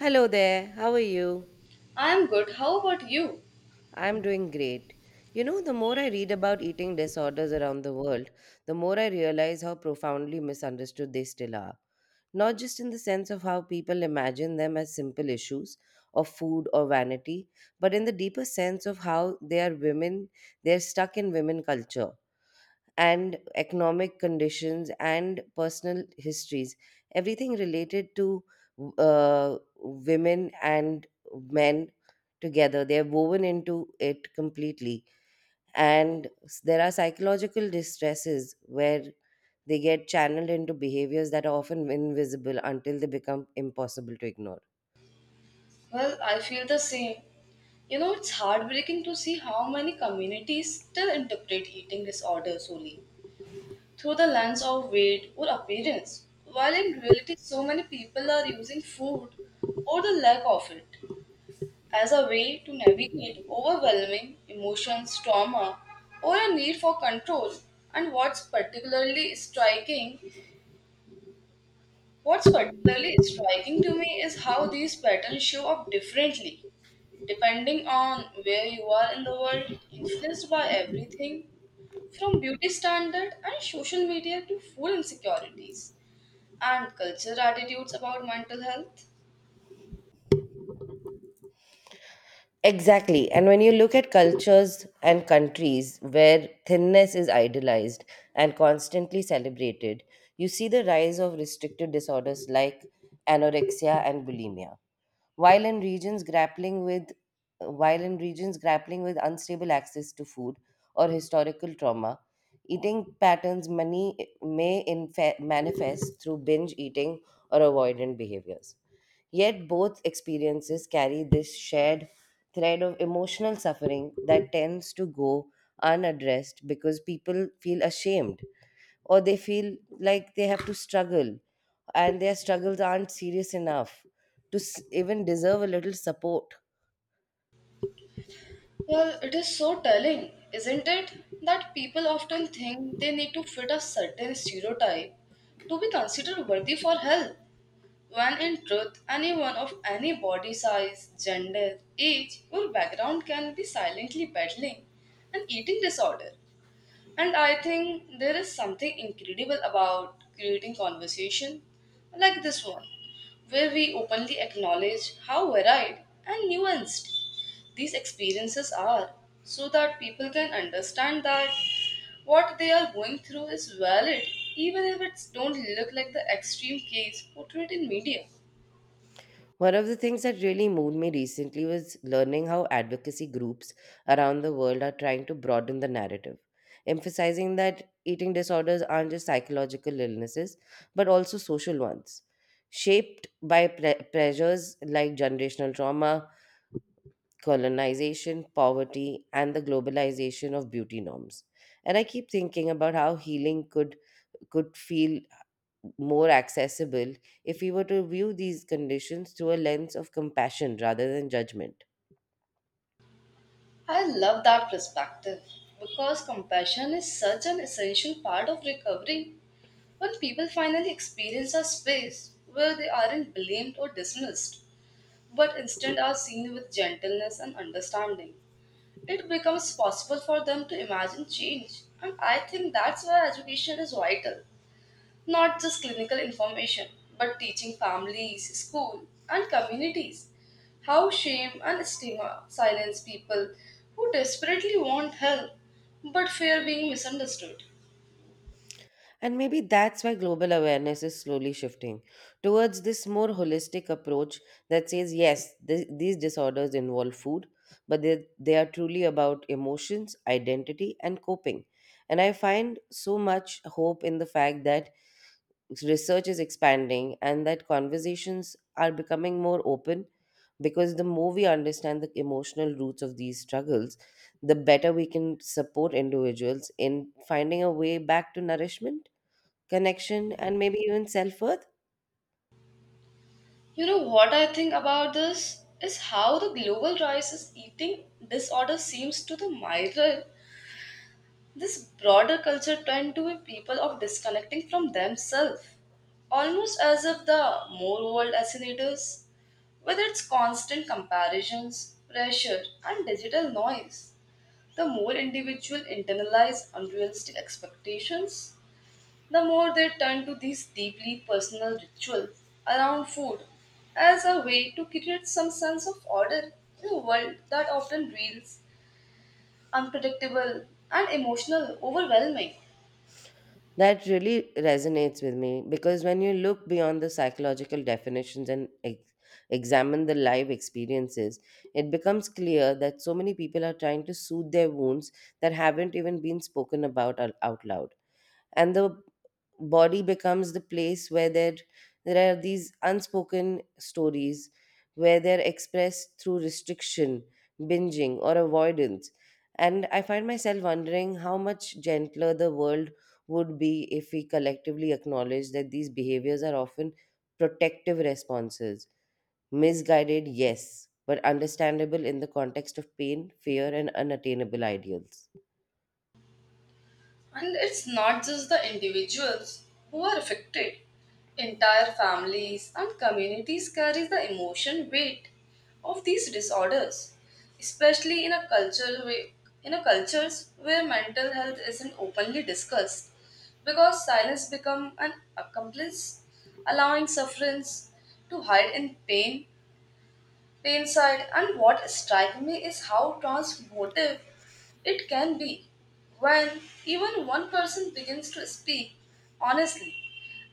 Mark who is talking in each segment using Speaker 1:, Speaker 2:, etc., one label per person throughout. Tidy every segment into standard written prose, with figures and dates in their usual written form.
Speaker 1: Hello there, how are you?
Speaker 2: I'm good. How about you?
Speaker 1: I'm doing great. You know, the more I read about eating disorders around the world, the more I realize how profoundly misunderstood they still are. Not just in the sense of how people imagine them as simple issues of food or vanity, but in the deeper sense of how they are women, they're stuck in women culture and economic conditions and personal histories everything related to women and men together they're woven into it completely and there are psychological distresses where they get channeled into behaviors that are often invisible until they become impossible to ignore.
Speaker 2: Well, I feel the same. You know, it's heartbreaking to see how many communities still interpret eating disorder solely through the lens of weight or appearance, while in reality, so many people are using food or the lack of it as a way to navigate overwhelming emotions, trauma, or a need for control. And what's particularly striking to me is how these patterns show up differently depending on where you are in the world, influenced by everything from beauty standard and social media to food insecurities and cultural attitudes about mental health.
Speaker 1: Exactly. And when you look at cultures and countries where thinness is idolized and constantly celebrated, you see the rise of restrictive disorders like anorexia and bulimia while in regions grappling with unstable access to food or historical trauma, eating patterns many manifest through binge eating or avoidant behaviors. Yet both experiences carry this shared thread of emotional suffering that tends to go unaddressed because people feel ashamed or they feel like they have to struggle and their struggles aren't serious enough to even deserve a little support.
Speaker 2: Well, it is so telling, isn't it, that people often think they need to fit a certain stereotype to be considered worthy for help, when in truth, anyone of any body size, gender, age, or background can be silently battling an eating disorder. And I think there is something incredible about creating conversation like this one, where we openly acknowledge how varied and nuanced these experiences are, so that people can understand that what they are going through is valid, even if it don't look like the extreme case portrayed in media.
Speaker 1: One of the things that really moved me recently was learning how advocacy groups around the world are trying to broaden the narrative, emphasizing that eating disorders aren't just psychological illnesses, but also social ones, shaped by pressures like generational trauma, colonization, poverty, and the globalization of beauty norms. And I keep thinking about how healing could feel more accessible if we were to view these conditions through a lens of compassion rather than judgment.
Speaker 2: I love that perspective because compassion is such an essential part of recovery. When people finally experience a space where they aren't blamed or dismissed, but instead are seen with gentleness and understanding, it becomes possible for them to imagine change. And I think that's where education is vital. Not just clinical information, but teaching families, school, and communities how shame and stigma silence people who desperately want help but fear being misunderstood.
Speaker 1: And maybe that's why global awareness is slowly shifting towards this more holistic approach that says, yes, these disorders involve food, but they are truly about emotions, identity, and coping. And I find so much hope in the fact that research is expanding and that conversations are becoming more open because the more we understand the emotional roots of these struggles, the better we can support individuals in finding a way back to nourishment, connection, and maybe even self worth.
Speaker 2: You know what I think about this is how the global rise crisis eating disorder seems to the mirror this broader culture trend to be people of disconnecting from themselves, almost as if the more world fascinators, with its constant comparisons, pressure, and digital noise, the more individual internalize unrealistic expectations the more they turn to these deeply personal rituals around food as a way to create some sense of order in a world that often feels unpredictable and emotional overwhelming.
Speaker 1: That really resonates with me because when you look beyond the psychological definitions and examine the live experiences, it becomes clear that so many people are trying to soothe their wounds that haven't even been spoken about out loud and the body becomes the place where there are these unspoken stories where they're expressed through restriction, binging, or avoidance. And I find myself wondering how much gentler the world would be if we collectively acknowledge that these behaviors are often protective responses, misguided yes, but understandable in the context of pain, fear, and unattainable ideals.
Speaker 2: And it's not just the individuals who are affected. Entire families and communities carry the emotion weight of these disorders, especially in a culture way, in a cultures where mental health isn't openly discussed, because silence become an accomplice, allowing sufferance to hide in pain the insight. And what strikes me is how transformative it can be when even one person begins to speak honestly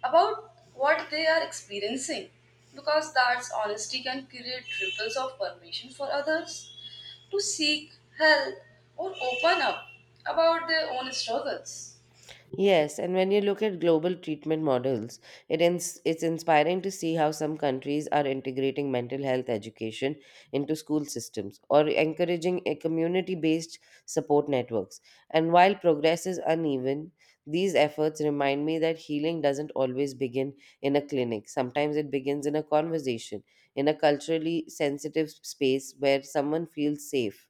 Speaker 2: about what they are experiencing because that honesty can create ripples of permission for others to seek help or open up about their own struggles.
Speaker 1: Yes, and when you look at global treatment models, it's inspiring to see how some countries are integrating mental health education into school systems or encouraging a community-based support networks. And while progress is uneven, these efforts remind me that healing doesn't always begin in a clinic. Sometimes it begins in a conversation, in a culturally sensitive space where someone feels safe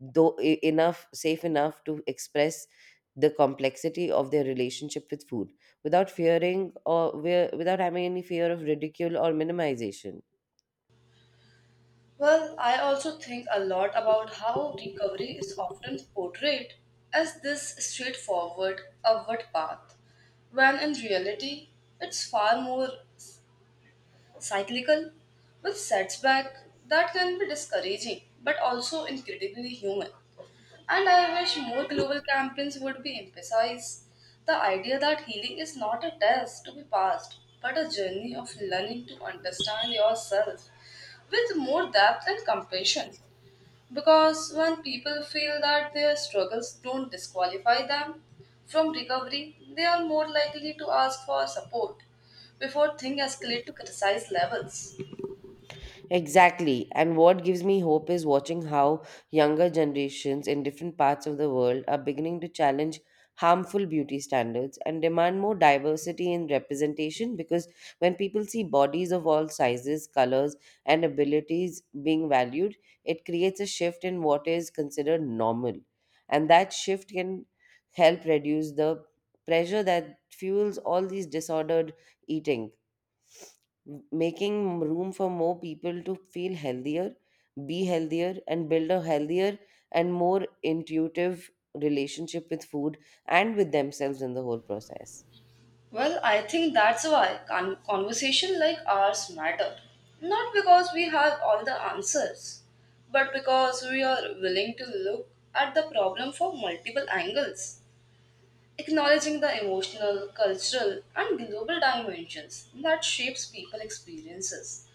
Speaker 1: though e- enough safe enough to express the complexity of their relationship with food without without having any fear of ridicule or minimization.
Speaker 2: Well, I also think a lot about how recovery is often portrayed as this straightforward upward path, when in reality it's far more cyclical, with setback that can be discouraging but also incredibly human. And I wish more global campaigns would be emphasized the idea that healing is not a test to be passed, but a journey of learning to understand yourself with more depth and compassion. Because when people feel that their struggles don't disqualify them from recovery, they are more likely to ask for support before things escalate to criticize levels.
Speaker 1: Exactly. And what gives me hope is watching how younger generations in different parts of the world are beginning to challenge harmful beauty standards and demand more diversity in representation because when people see bodies of all sizes, colors, and abilities being valued, it creates a shift in what is considered normal. And that shift can help reduce the pressure that fuels all these disordered eating, making room for more people to feel healthier, be healthier, and build a healthier and more intuitive relationship with food and with themselves in the whole process.
Speaker 2: Well, I think that's why conversation like ours matter. Not because we have all the answers, but because we are willing to look at the problem from multiple angles, acknowledging the emotional, cultural, and global dimensions that shapes people experiences,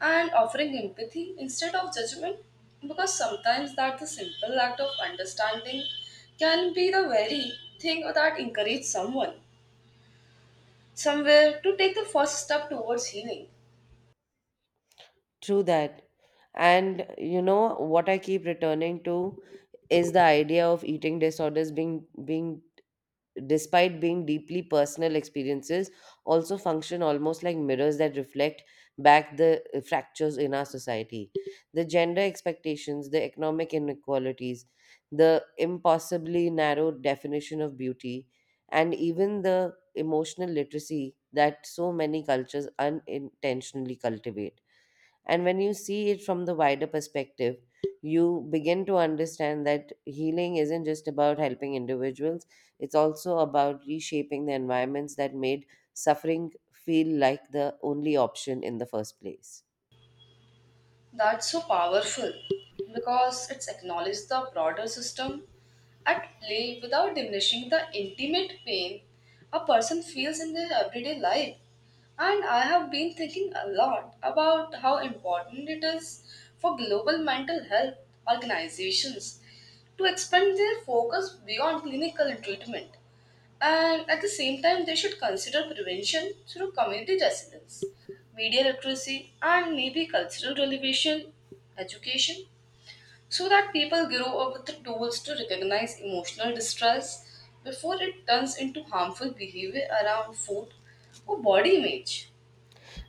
Speaker 2: and offering empathy instead of judgment because sometimes that the simple act of understanding can be the very thing that encourages someone somewhere to take the first step towards healing.
Speaker 1: True that. And you know what I keep returning to is the idea of eating disorders being, despite being deeply personal experiences, also function almost like mirrors that reflect back the fractures in our society. The gender expectations, the economic inequalities, the impossibly narrow definition of beauty, and even the emotional literacy that so many cultures unintentionally cultivate. And when you see it from the wider perspective, you begin to understand that healing isn't just about helping individuals, it's also about reshaping the environments that made suffering feel like the only option in the first place.
Speaker 2: That's so powerful because it's acknowledged the broader system at play without diminishing the intimate pain a person feels in their everyday life. And I have been thinking a lot about how important it is for global mental health organizations to expand their focus beyond clinical treatment. And at the same time, they should consider prevention through community resilience, media literacy, and maybe cultural relevation education so that people grow up with the tools to recognize emotional distress before it turns into harmful behavior around food or body image.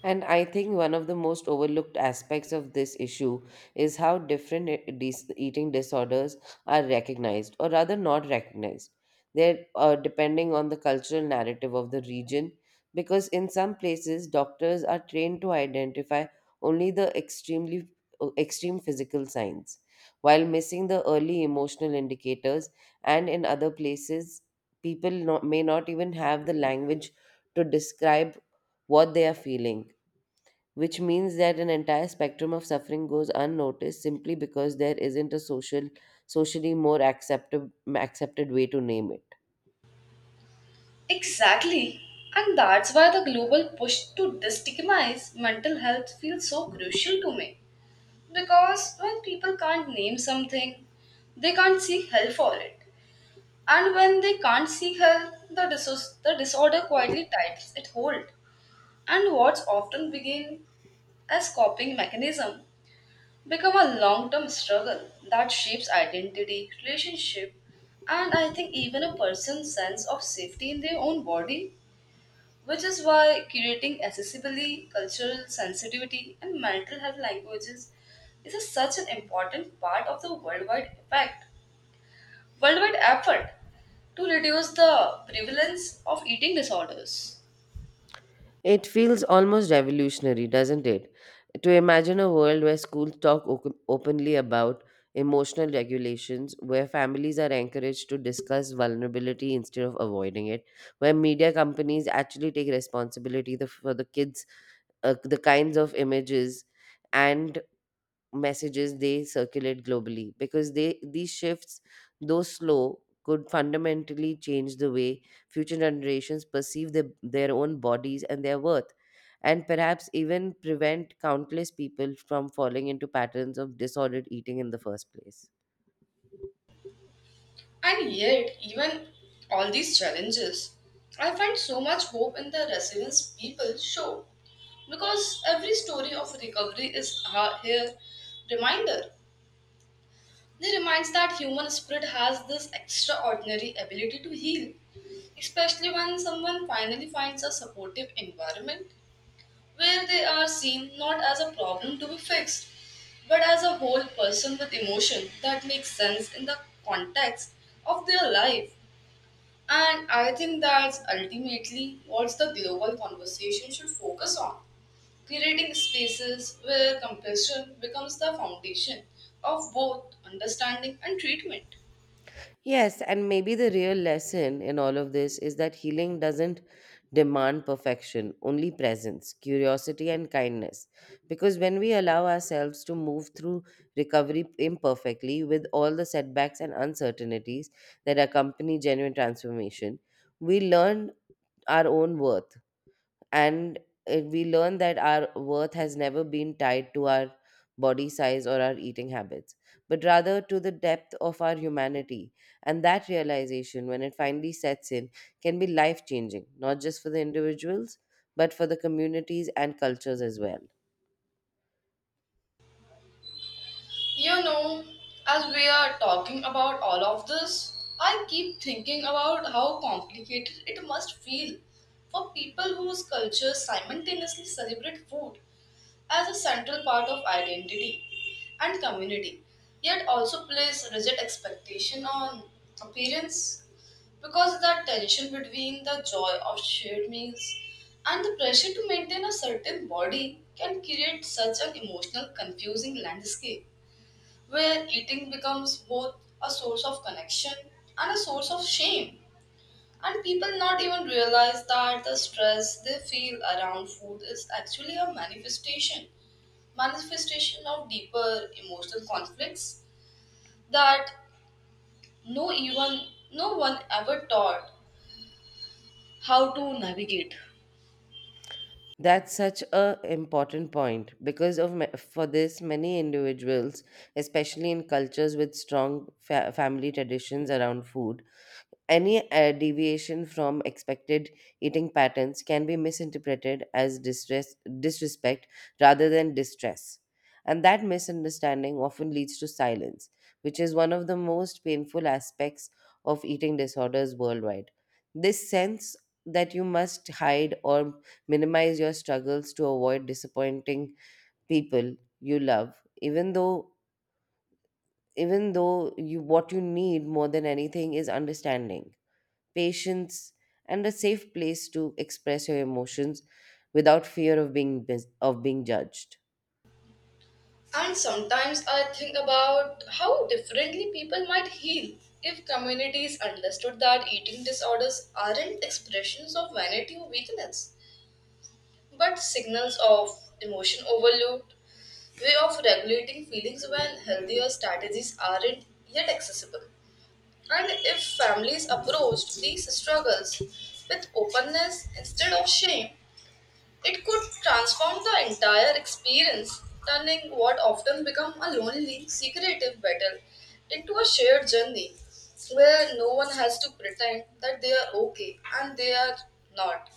Speaker 1: And I think one of the most overlooked aspects of this issue is how different eating disorders are recognized, or rather, not recognized. They're depending on the cultural narrative of the region, because in some places, doctors are trained to identify only the extreme physical signs, while missing the early emotional indicators. And in other places, people not, may not even have the language to describe what they are feeling, which means that an entire spectrum of suffering goes unnoticed simply because there isn't a socially more accepted way to name it.
Speaker 2: Exactly. And that's why the global push to destigmatize mental health feels so crucial to me. Because when people can't name something, they can't seek help for it. And when they can't see help, the disorder quietly tightens its hold. And what's often begin as coping mechanism become a long-term struggle that shapes identity, relationship, and I think even a person's sense of safety in their own body, which is why curating accessibly cultural sensitivity and mental health languages is such an important part of the worldwide effort to reduce the prevalence of eating disorders.
Speaker 1: It feels almost revolutionary, doesn't it, to imagine a world where schools talk openly about emotional regulations, where families are encouraged to discuss vulnerability instead of avoiding it, where media companies actually take responsibility for the kinds of images and messages they circulate globally, because they these shifts, though slow, could fundamentally change the way future generations perceive their own bodies and their worth, and perhaps even prevent countless people from falling into patterns of disordered eating in the first place.
Speaker 2: And yet, even all these challenges, I find so much hope in the resilience people show because every story of recovery is a here reminder. They reminds that human spirit has this extraordinary ability to heal, especially when someone finally finds a supportive environment where they are seen not as a problem to be fixed, but as a whole person with emotion that makes sense in the context of their life. And I think that's ultimately what the global conversation should focus on creating spaces where compassion becomes the foundation of both understanding and treatment.
Speaker 1: Yes, and maybe the real lesson in all of this is that healing doesn't demand perfection, only presence, curiosity, and kindness. Because when we allow ourselves to move through recovery imperfectly with all the setbacks and uncertainties that accompany genuine transformation, we learn our own worth and we learn that our worth has never been tied to our body size or our eating habits, but rather to the depth of our humanity. And that realization, when it finally sets in, can be life changing not just for the individuals but for the communities and cultures as well.
Speaker 2: You know, as we are talking about all of this, I keep thinking about how complicated it must feel for people whose cultures simultaneously celebrate food as a central part of identity and community, yet also place rigid expectation on appearance because that tension between the joy of shared meals and the pressure to maintain a certain body can create such an emotional confusing landscape where eating becomes both a source of connection and a source of shame. And people not even realize that the stress they feel around food is actually a manifestation of deeper emotional conflicts that no even no one ever taught how to navigate.
Speaker 1: That's such a important point because for this many individuals, especially in cultures with strong family traditions around food. Any deviation from expected eating patterns can be misinterpreted as disrespect rather than distress. And that misunderstanding often leads to silence, which is one of the most painful aspects of eating disorders worldwide. This sense that you must hide or minimize your struggles to avoid disappointing people you love, even though you what you need more than anything is understanding, patience, and a safe place to express your emotions without fear of being mis- of being judged.
Speaker 2: And sometimes I think about how differently people might heal if communities understood that eating disorders aren't expressions of vanity or weakness, but signals of emotion overload, way of regulating feelings when healthier strategies aren't yet accessible. And if families approached these struggles with openness instead of shame, it could transform the entire experience, turning what often become a lonely, secretive battle into a shared journey where no one has to pretend that they are okay and they are not.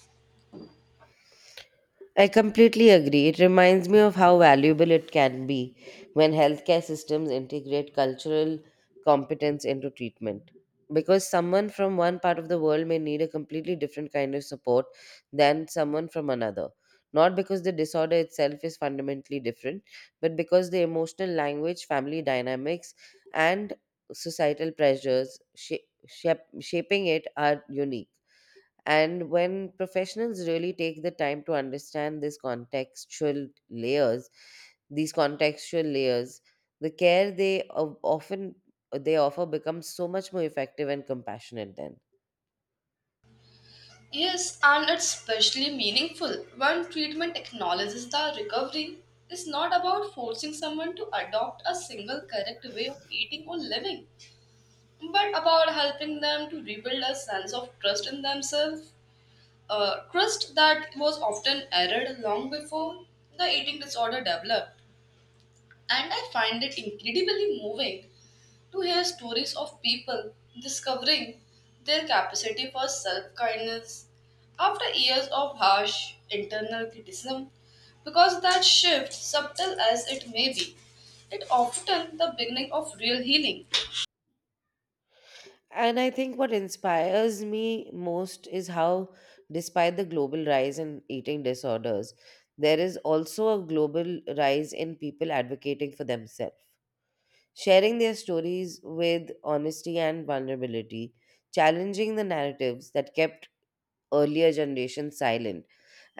Speaker 1: I completely agree. It reminds me of how valuable it can be when healthcare systems integrate cultural competence into treatment. Because someone from one part of the world may need a completely different kind of support than someone from another. Not because the disorder itself is fundamentally different, but because the emotional language, family dynamics, and societal pressures shaping it are unique. And when professionals really take the time to understand these contextual layers, these contextual layers, the care they of- often they offer becomes so much more effective and compassionate then.
Speaker 2: Yes, and it's especially meaningful when treatment acknowledges that recovery is not about forcing someone to adopt a single correct way of eating or living, but about helping them to rebuild a sense of trust in themselves a crust that was often arid long before the eating disorder developed. And I find it incredibly moving to hear stories of people discovering their capacity for self kindness after years of harsh internal criticism. Because that shift, subtle as it may be, it often the beginning of real healing.
Speaker 1: And I think what inspires me most is how, despite the global rise in eating disorders, there is also a global rise in people advocating for themselves, sharing their stories with honesty and vulnerability, challenging the narratives that kept earlier generations silent,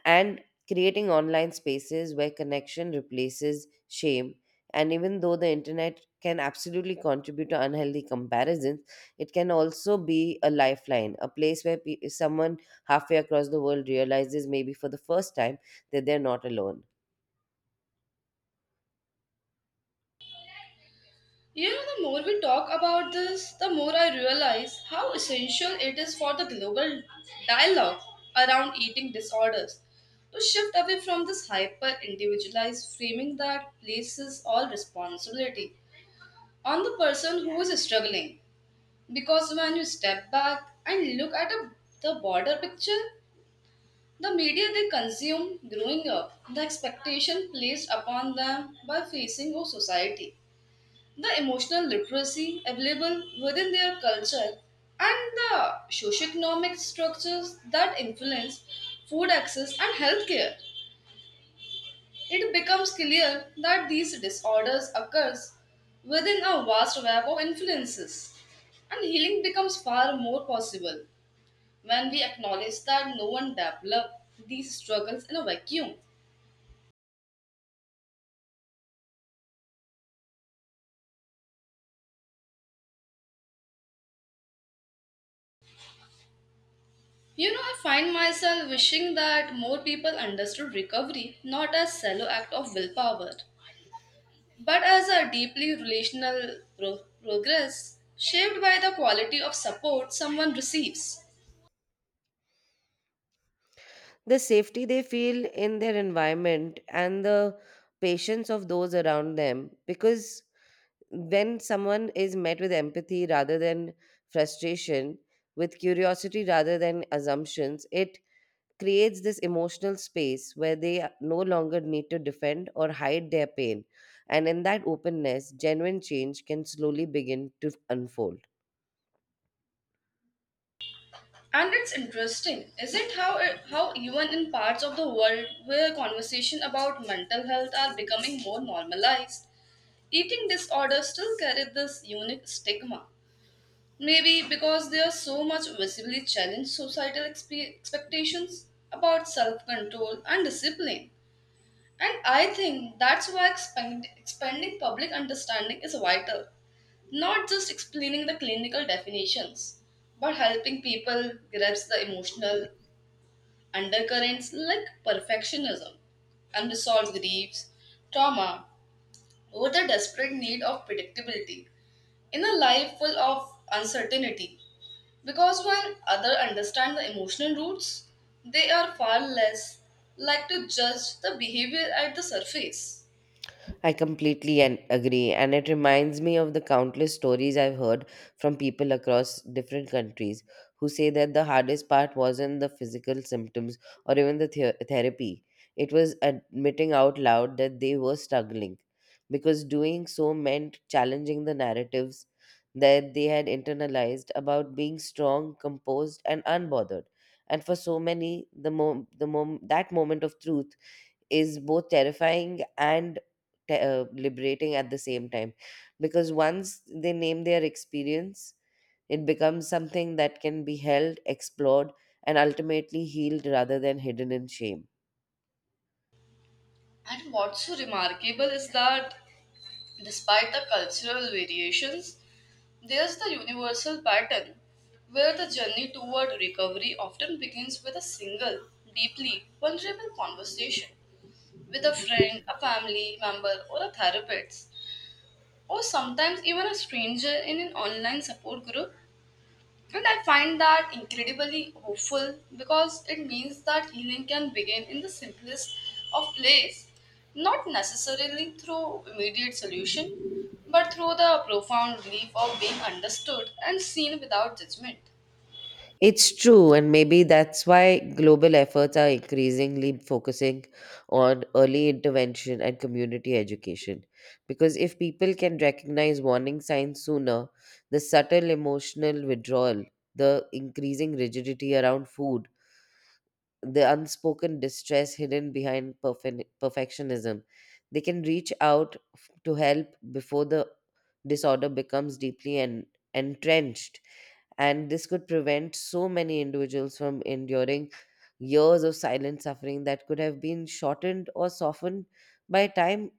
Speaker 1: and creating online spaces where connection replaces shame. And even though the internet can absolutely contribute to unhealthy comparisons, it can also be a lifeline, a place where someone halfway across the world realizes, maybe for the first time, that they're not alone.
Speaker 2: You know, the more we talk about this, the more I realize how essential it is for the global dialogue around eating disorders to shift away from this hyper individualized framing that places all responsibility on the person who is struggling. Because when you step back and look at the broader picture, the media they consume growing up, the expectation placed upon them by facing our society the emotional literacy available within their culture and the socioeconomic structures that influence food access and healthcare. It becomes clear that these disorders occurs within a vast web of influences, and healing becomes far more possible when we acknowledge that no one developed these struggles in a vacuum. You know, I find myself wishing that more people understood recovery not as shallow act of willpower but as a deeply relational progress shaped by the quality of support someone receives.
Speaker 1: The safety they feel in their environment and the patience of those around them, because when someone is met with empathy rather than frustration, with curiosity rather than assumptions, it creates this emotional space where they no longer need to defend or hide their pain, and in that openness genuine change can slowly begin to unfold.
Speaker 2: And it's interesting, is it how even in parts of the world where conversation about mental health are becoming more normalized, eating disorders still carry this unique stigma. Maybe because they are so much visibly challenge societal expectations about self-control and discipline. And I think that's why expanding public understanding is vital. Not just explaining the clinical definitions, but helping people grasp the emotional undercurrents like perfectionism, unresolved griefs, trauma, or the desperate need of predictability in a life full of uncertainty. Because when others understand the emotional roots, they are far less like to judge the behavior at the surface.
Speaker 1: I completely agree, and it reminds me of the countless stories I've heard from people across different countries who say that the hardest part wasn't the physical symptoms or even therapy. It was admitting out loud that they were struggling, because doing so meant challenging the narratives that they had internalized about being strong, composed, and unbothered. And for so many, the mo the mom- that moment of truth is both terrifying and liberating at the same time, because once they name their experience it becomes something that can be held, explored, and ultimately healed rather than hidden in shame.
Speaker 2: And what's so remarkable is that despite the cultural variations, there's the universal pattern where the journey toward recovery often begins with a single, deeply vulnerable conversation with a friend, a family member, or a therapist, or sometimes even a stranger in an online support group. And I find that incredibly hopeful because it means that healing can begin in the simplest of place, not necessarily through immediate solution, but through the profound belief of being understood and seen without judgment.
Speaker 1: It's true, and maybe that's why global efforts are increasingly focusing on early intervention and community education. Because if people can recognize warning signs sooner, the subtle emotional withdrawal, the increasing rigidity around food, the unspoken distress hidden behind perfectionism, they can reach out to help before the disorder becomes deeply entrenched, and this could prevent so many individuals from enduring years of silent suffering that could have been shortened or softened by time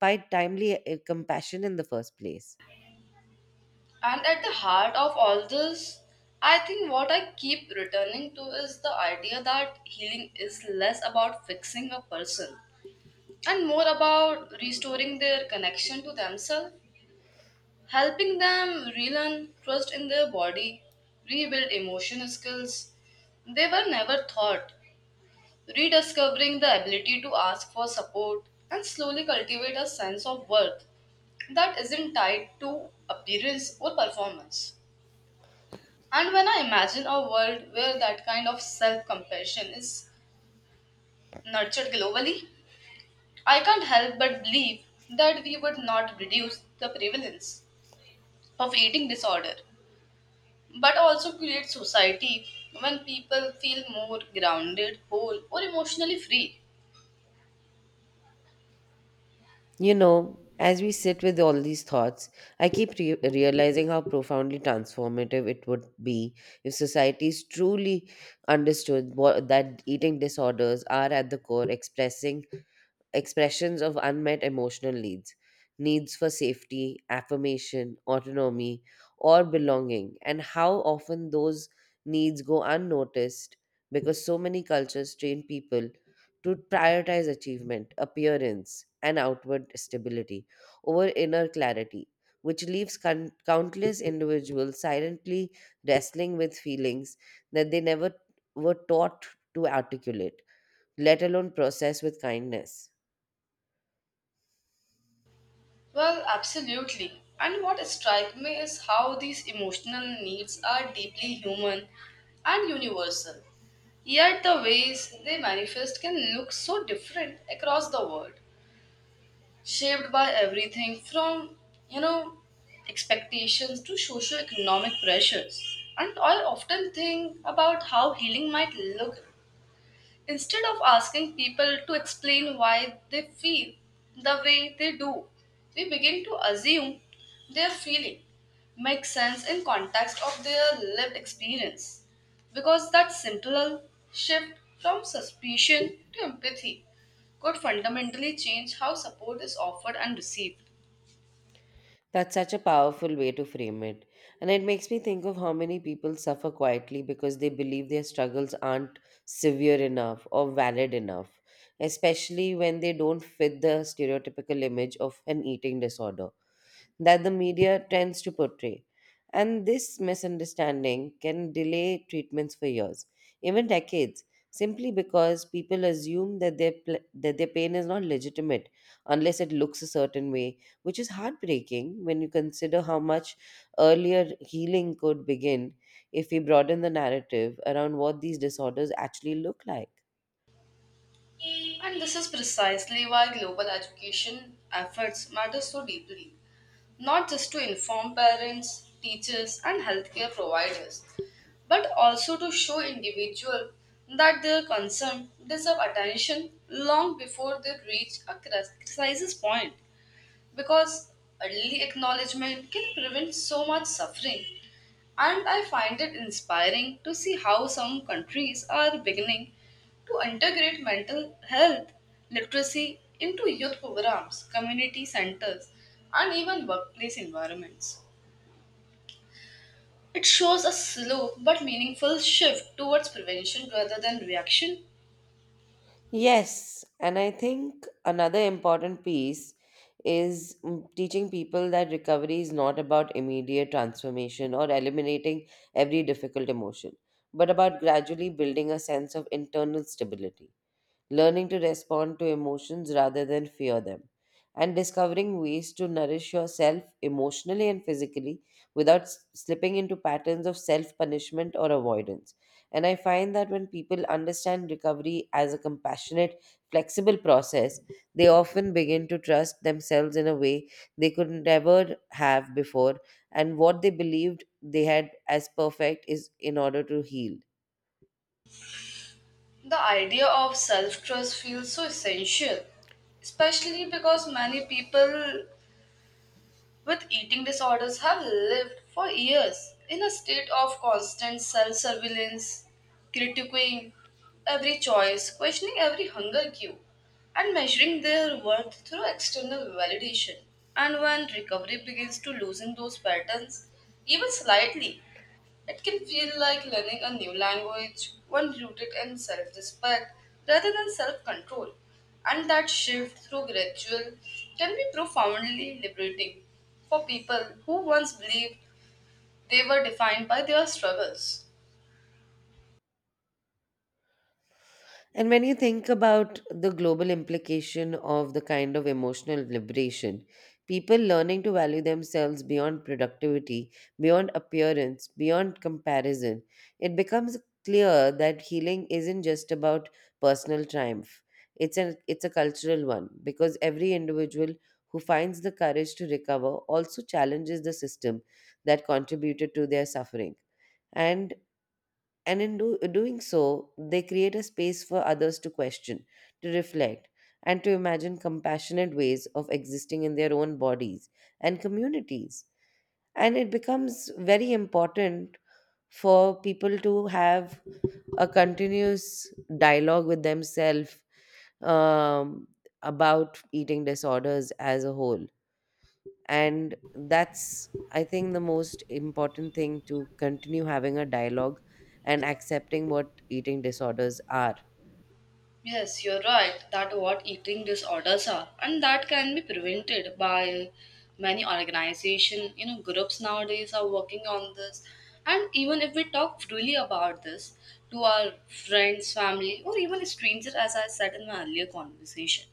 Speaker 1: by timely compassion in the first place.
Speaker 2: And at the heart of all this, I think what I keep returning to is the idea that healing is less about fixing a person and more about restoring their connection to themselves helping them relearn trust in their body, rebuild emotional skills they were never taught, rediscovering the ability to ask for support and slowly cultivate a sense of worth that isn't tied to appearance or performance. And when I imagine a world where that kind of self compassion is nurtured globally, I can't help but believe that we would not reduce the prevalence of eating disorder but also create society when people feel more grounded, whole, or emotionally free.
Speaker 1: You know, as we sit with all these thoughts, I keep realizing how profoundly transformative it would be if societies truly understood that eating disorders are at the core expressing expressions of unmet emotional needs, needs for safety, affirmation, autonomy, or belonging, and how often those needs go unnoticed because so many cultures train people to prioritize achievement, appearance, and outward stability over inner clarity, which leaves countless individuals silently wrestling with feelings that they never were taught to articulate, let alone process with kindness.
Speaker 2: Well, absolutely. And what strikes me is how these emotional needs are deeply human and universal. Yet the ways they manifest can look so different across the world, shaped by everything from, you know, expectations to socio-economic pressures. And I often think about how healing might look instead of asking people to explain why they feel the way they do. We begin to assume their feeling makes sense in context of their lived experience because that simple shift from suspicion to empathy could fundamentally change how support is offered and received.
Speaker 1: That's such a powerful way to frame it. And it makes me think of how many people suffer quietly because they believe their struggles aren't severe enough or valid enough, especially when they don't fit the stereotypical image of an eating disorder that the media tends to portray. And this misunderstanding can delay treatments for years, even decades, simply because people assume that that their pain is not legitimate unless it looks a certain way, which is heartbreaking when you consider how much earlier healing could begin if we broaden the narrative around what these disorders actually look like.
Speaker 2: And this is precisely why global education efforts matter so deeply, not just to inform parents, teachers, and healthcare providers, but also to show individuals that their concern deserve attention long before they reach a crisis point, because early acknowledgement can prevent so much suffering. And I find it inspiring to see how some countries are beginning to integrate mental health literacy into youth programs, community centers, and even workplace environments. It shows a slow but meaningful shift towards prevention rather than reaction.
Speaker 1: Yes, and I think another important piece is teaching people that recovery is not about immediate transformation or eliminating every difficult emotion, but about gradually building a sense of internal stability, learning to respond to emotions rather than fear them, and discovering ways to nourish yourself emotionally and physically without slipping into patterns of self punishment or avoidance. And I find that when people understand recovery as a compassionate, flexible process, they often begin to trust themselves in a way they could never have before, and what they believed they had as perfect is in order to heal.
Speaker 2: The idea of self trust feels so essential, especially because many people with eating disorders have lived for years in a state of constant self surveillance, critiquing every choice, questioning every hunger cue, and measuring their worth through external validation. And when recovery begins to loosen those patterns, even slightly, it can feel like learning a new language, one rooted in self respect rather than self control. And that shift through gradual can be profoundly liberating for people who once believed they were defined by their struggles.
Speaker 1: And when you think about the global implication of the kind of emotional liberation, people learning to value themselves beyond productivity, beyond appearance, beyond comparison, it becomes clear that healing isn't just about personal triumph. It's a cultural one, because every individual who finds the courage to recover also challenges the system that contributed to their suffering. And doing so, they create a space for others to question, to reflect, and to imagine compassionate ways of existing in their own bodies and communities. And it becomes very important for people to have a continuous dialogue with themselves um, about eating disorders as a whole, and that's I think the most important thing, to continue having a dialogue and accepting what eating disorders are.
Speaker 2: Yes, you're right that what eating disorders are, and that can be prevented by many organization. You know, groups nowadays are working on this, and even if we talk freely about this to our friends, family, or even a stranger, as I said in my earlier conversation.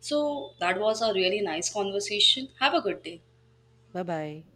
Speaker 2: So that was a really nice conversation. Have a good day.
Speaker 1: Bye bye.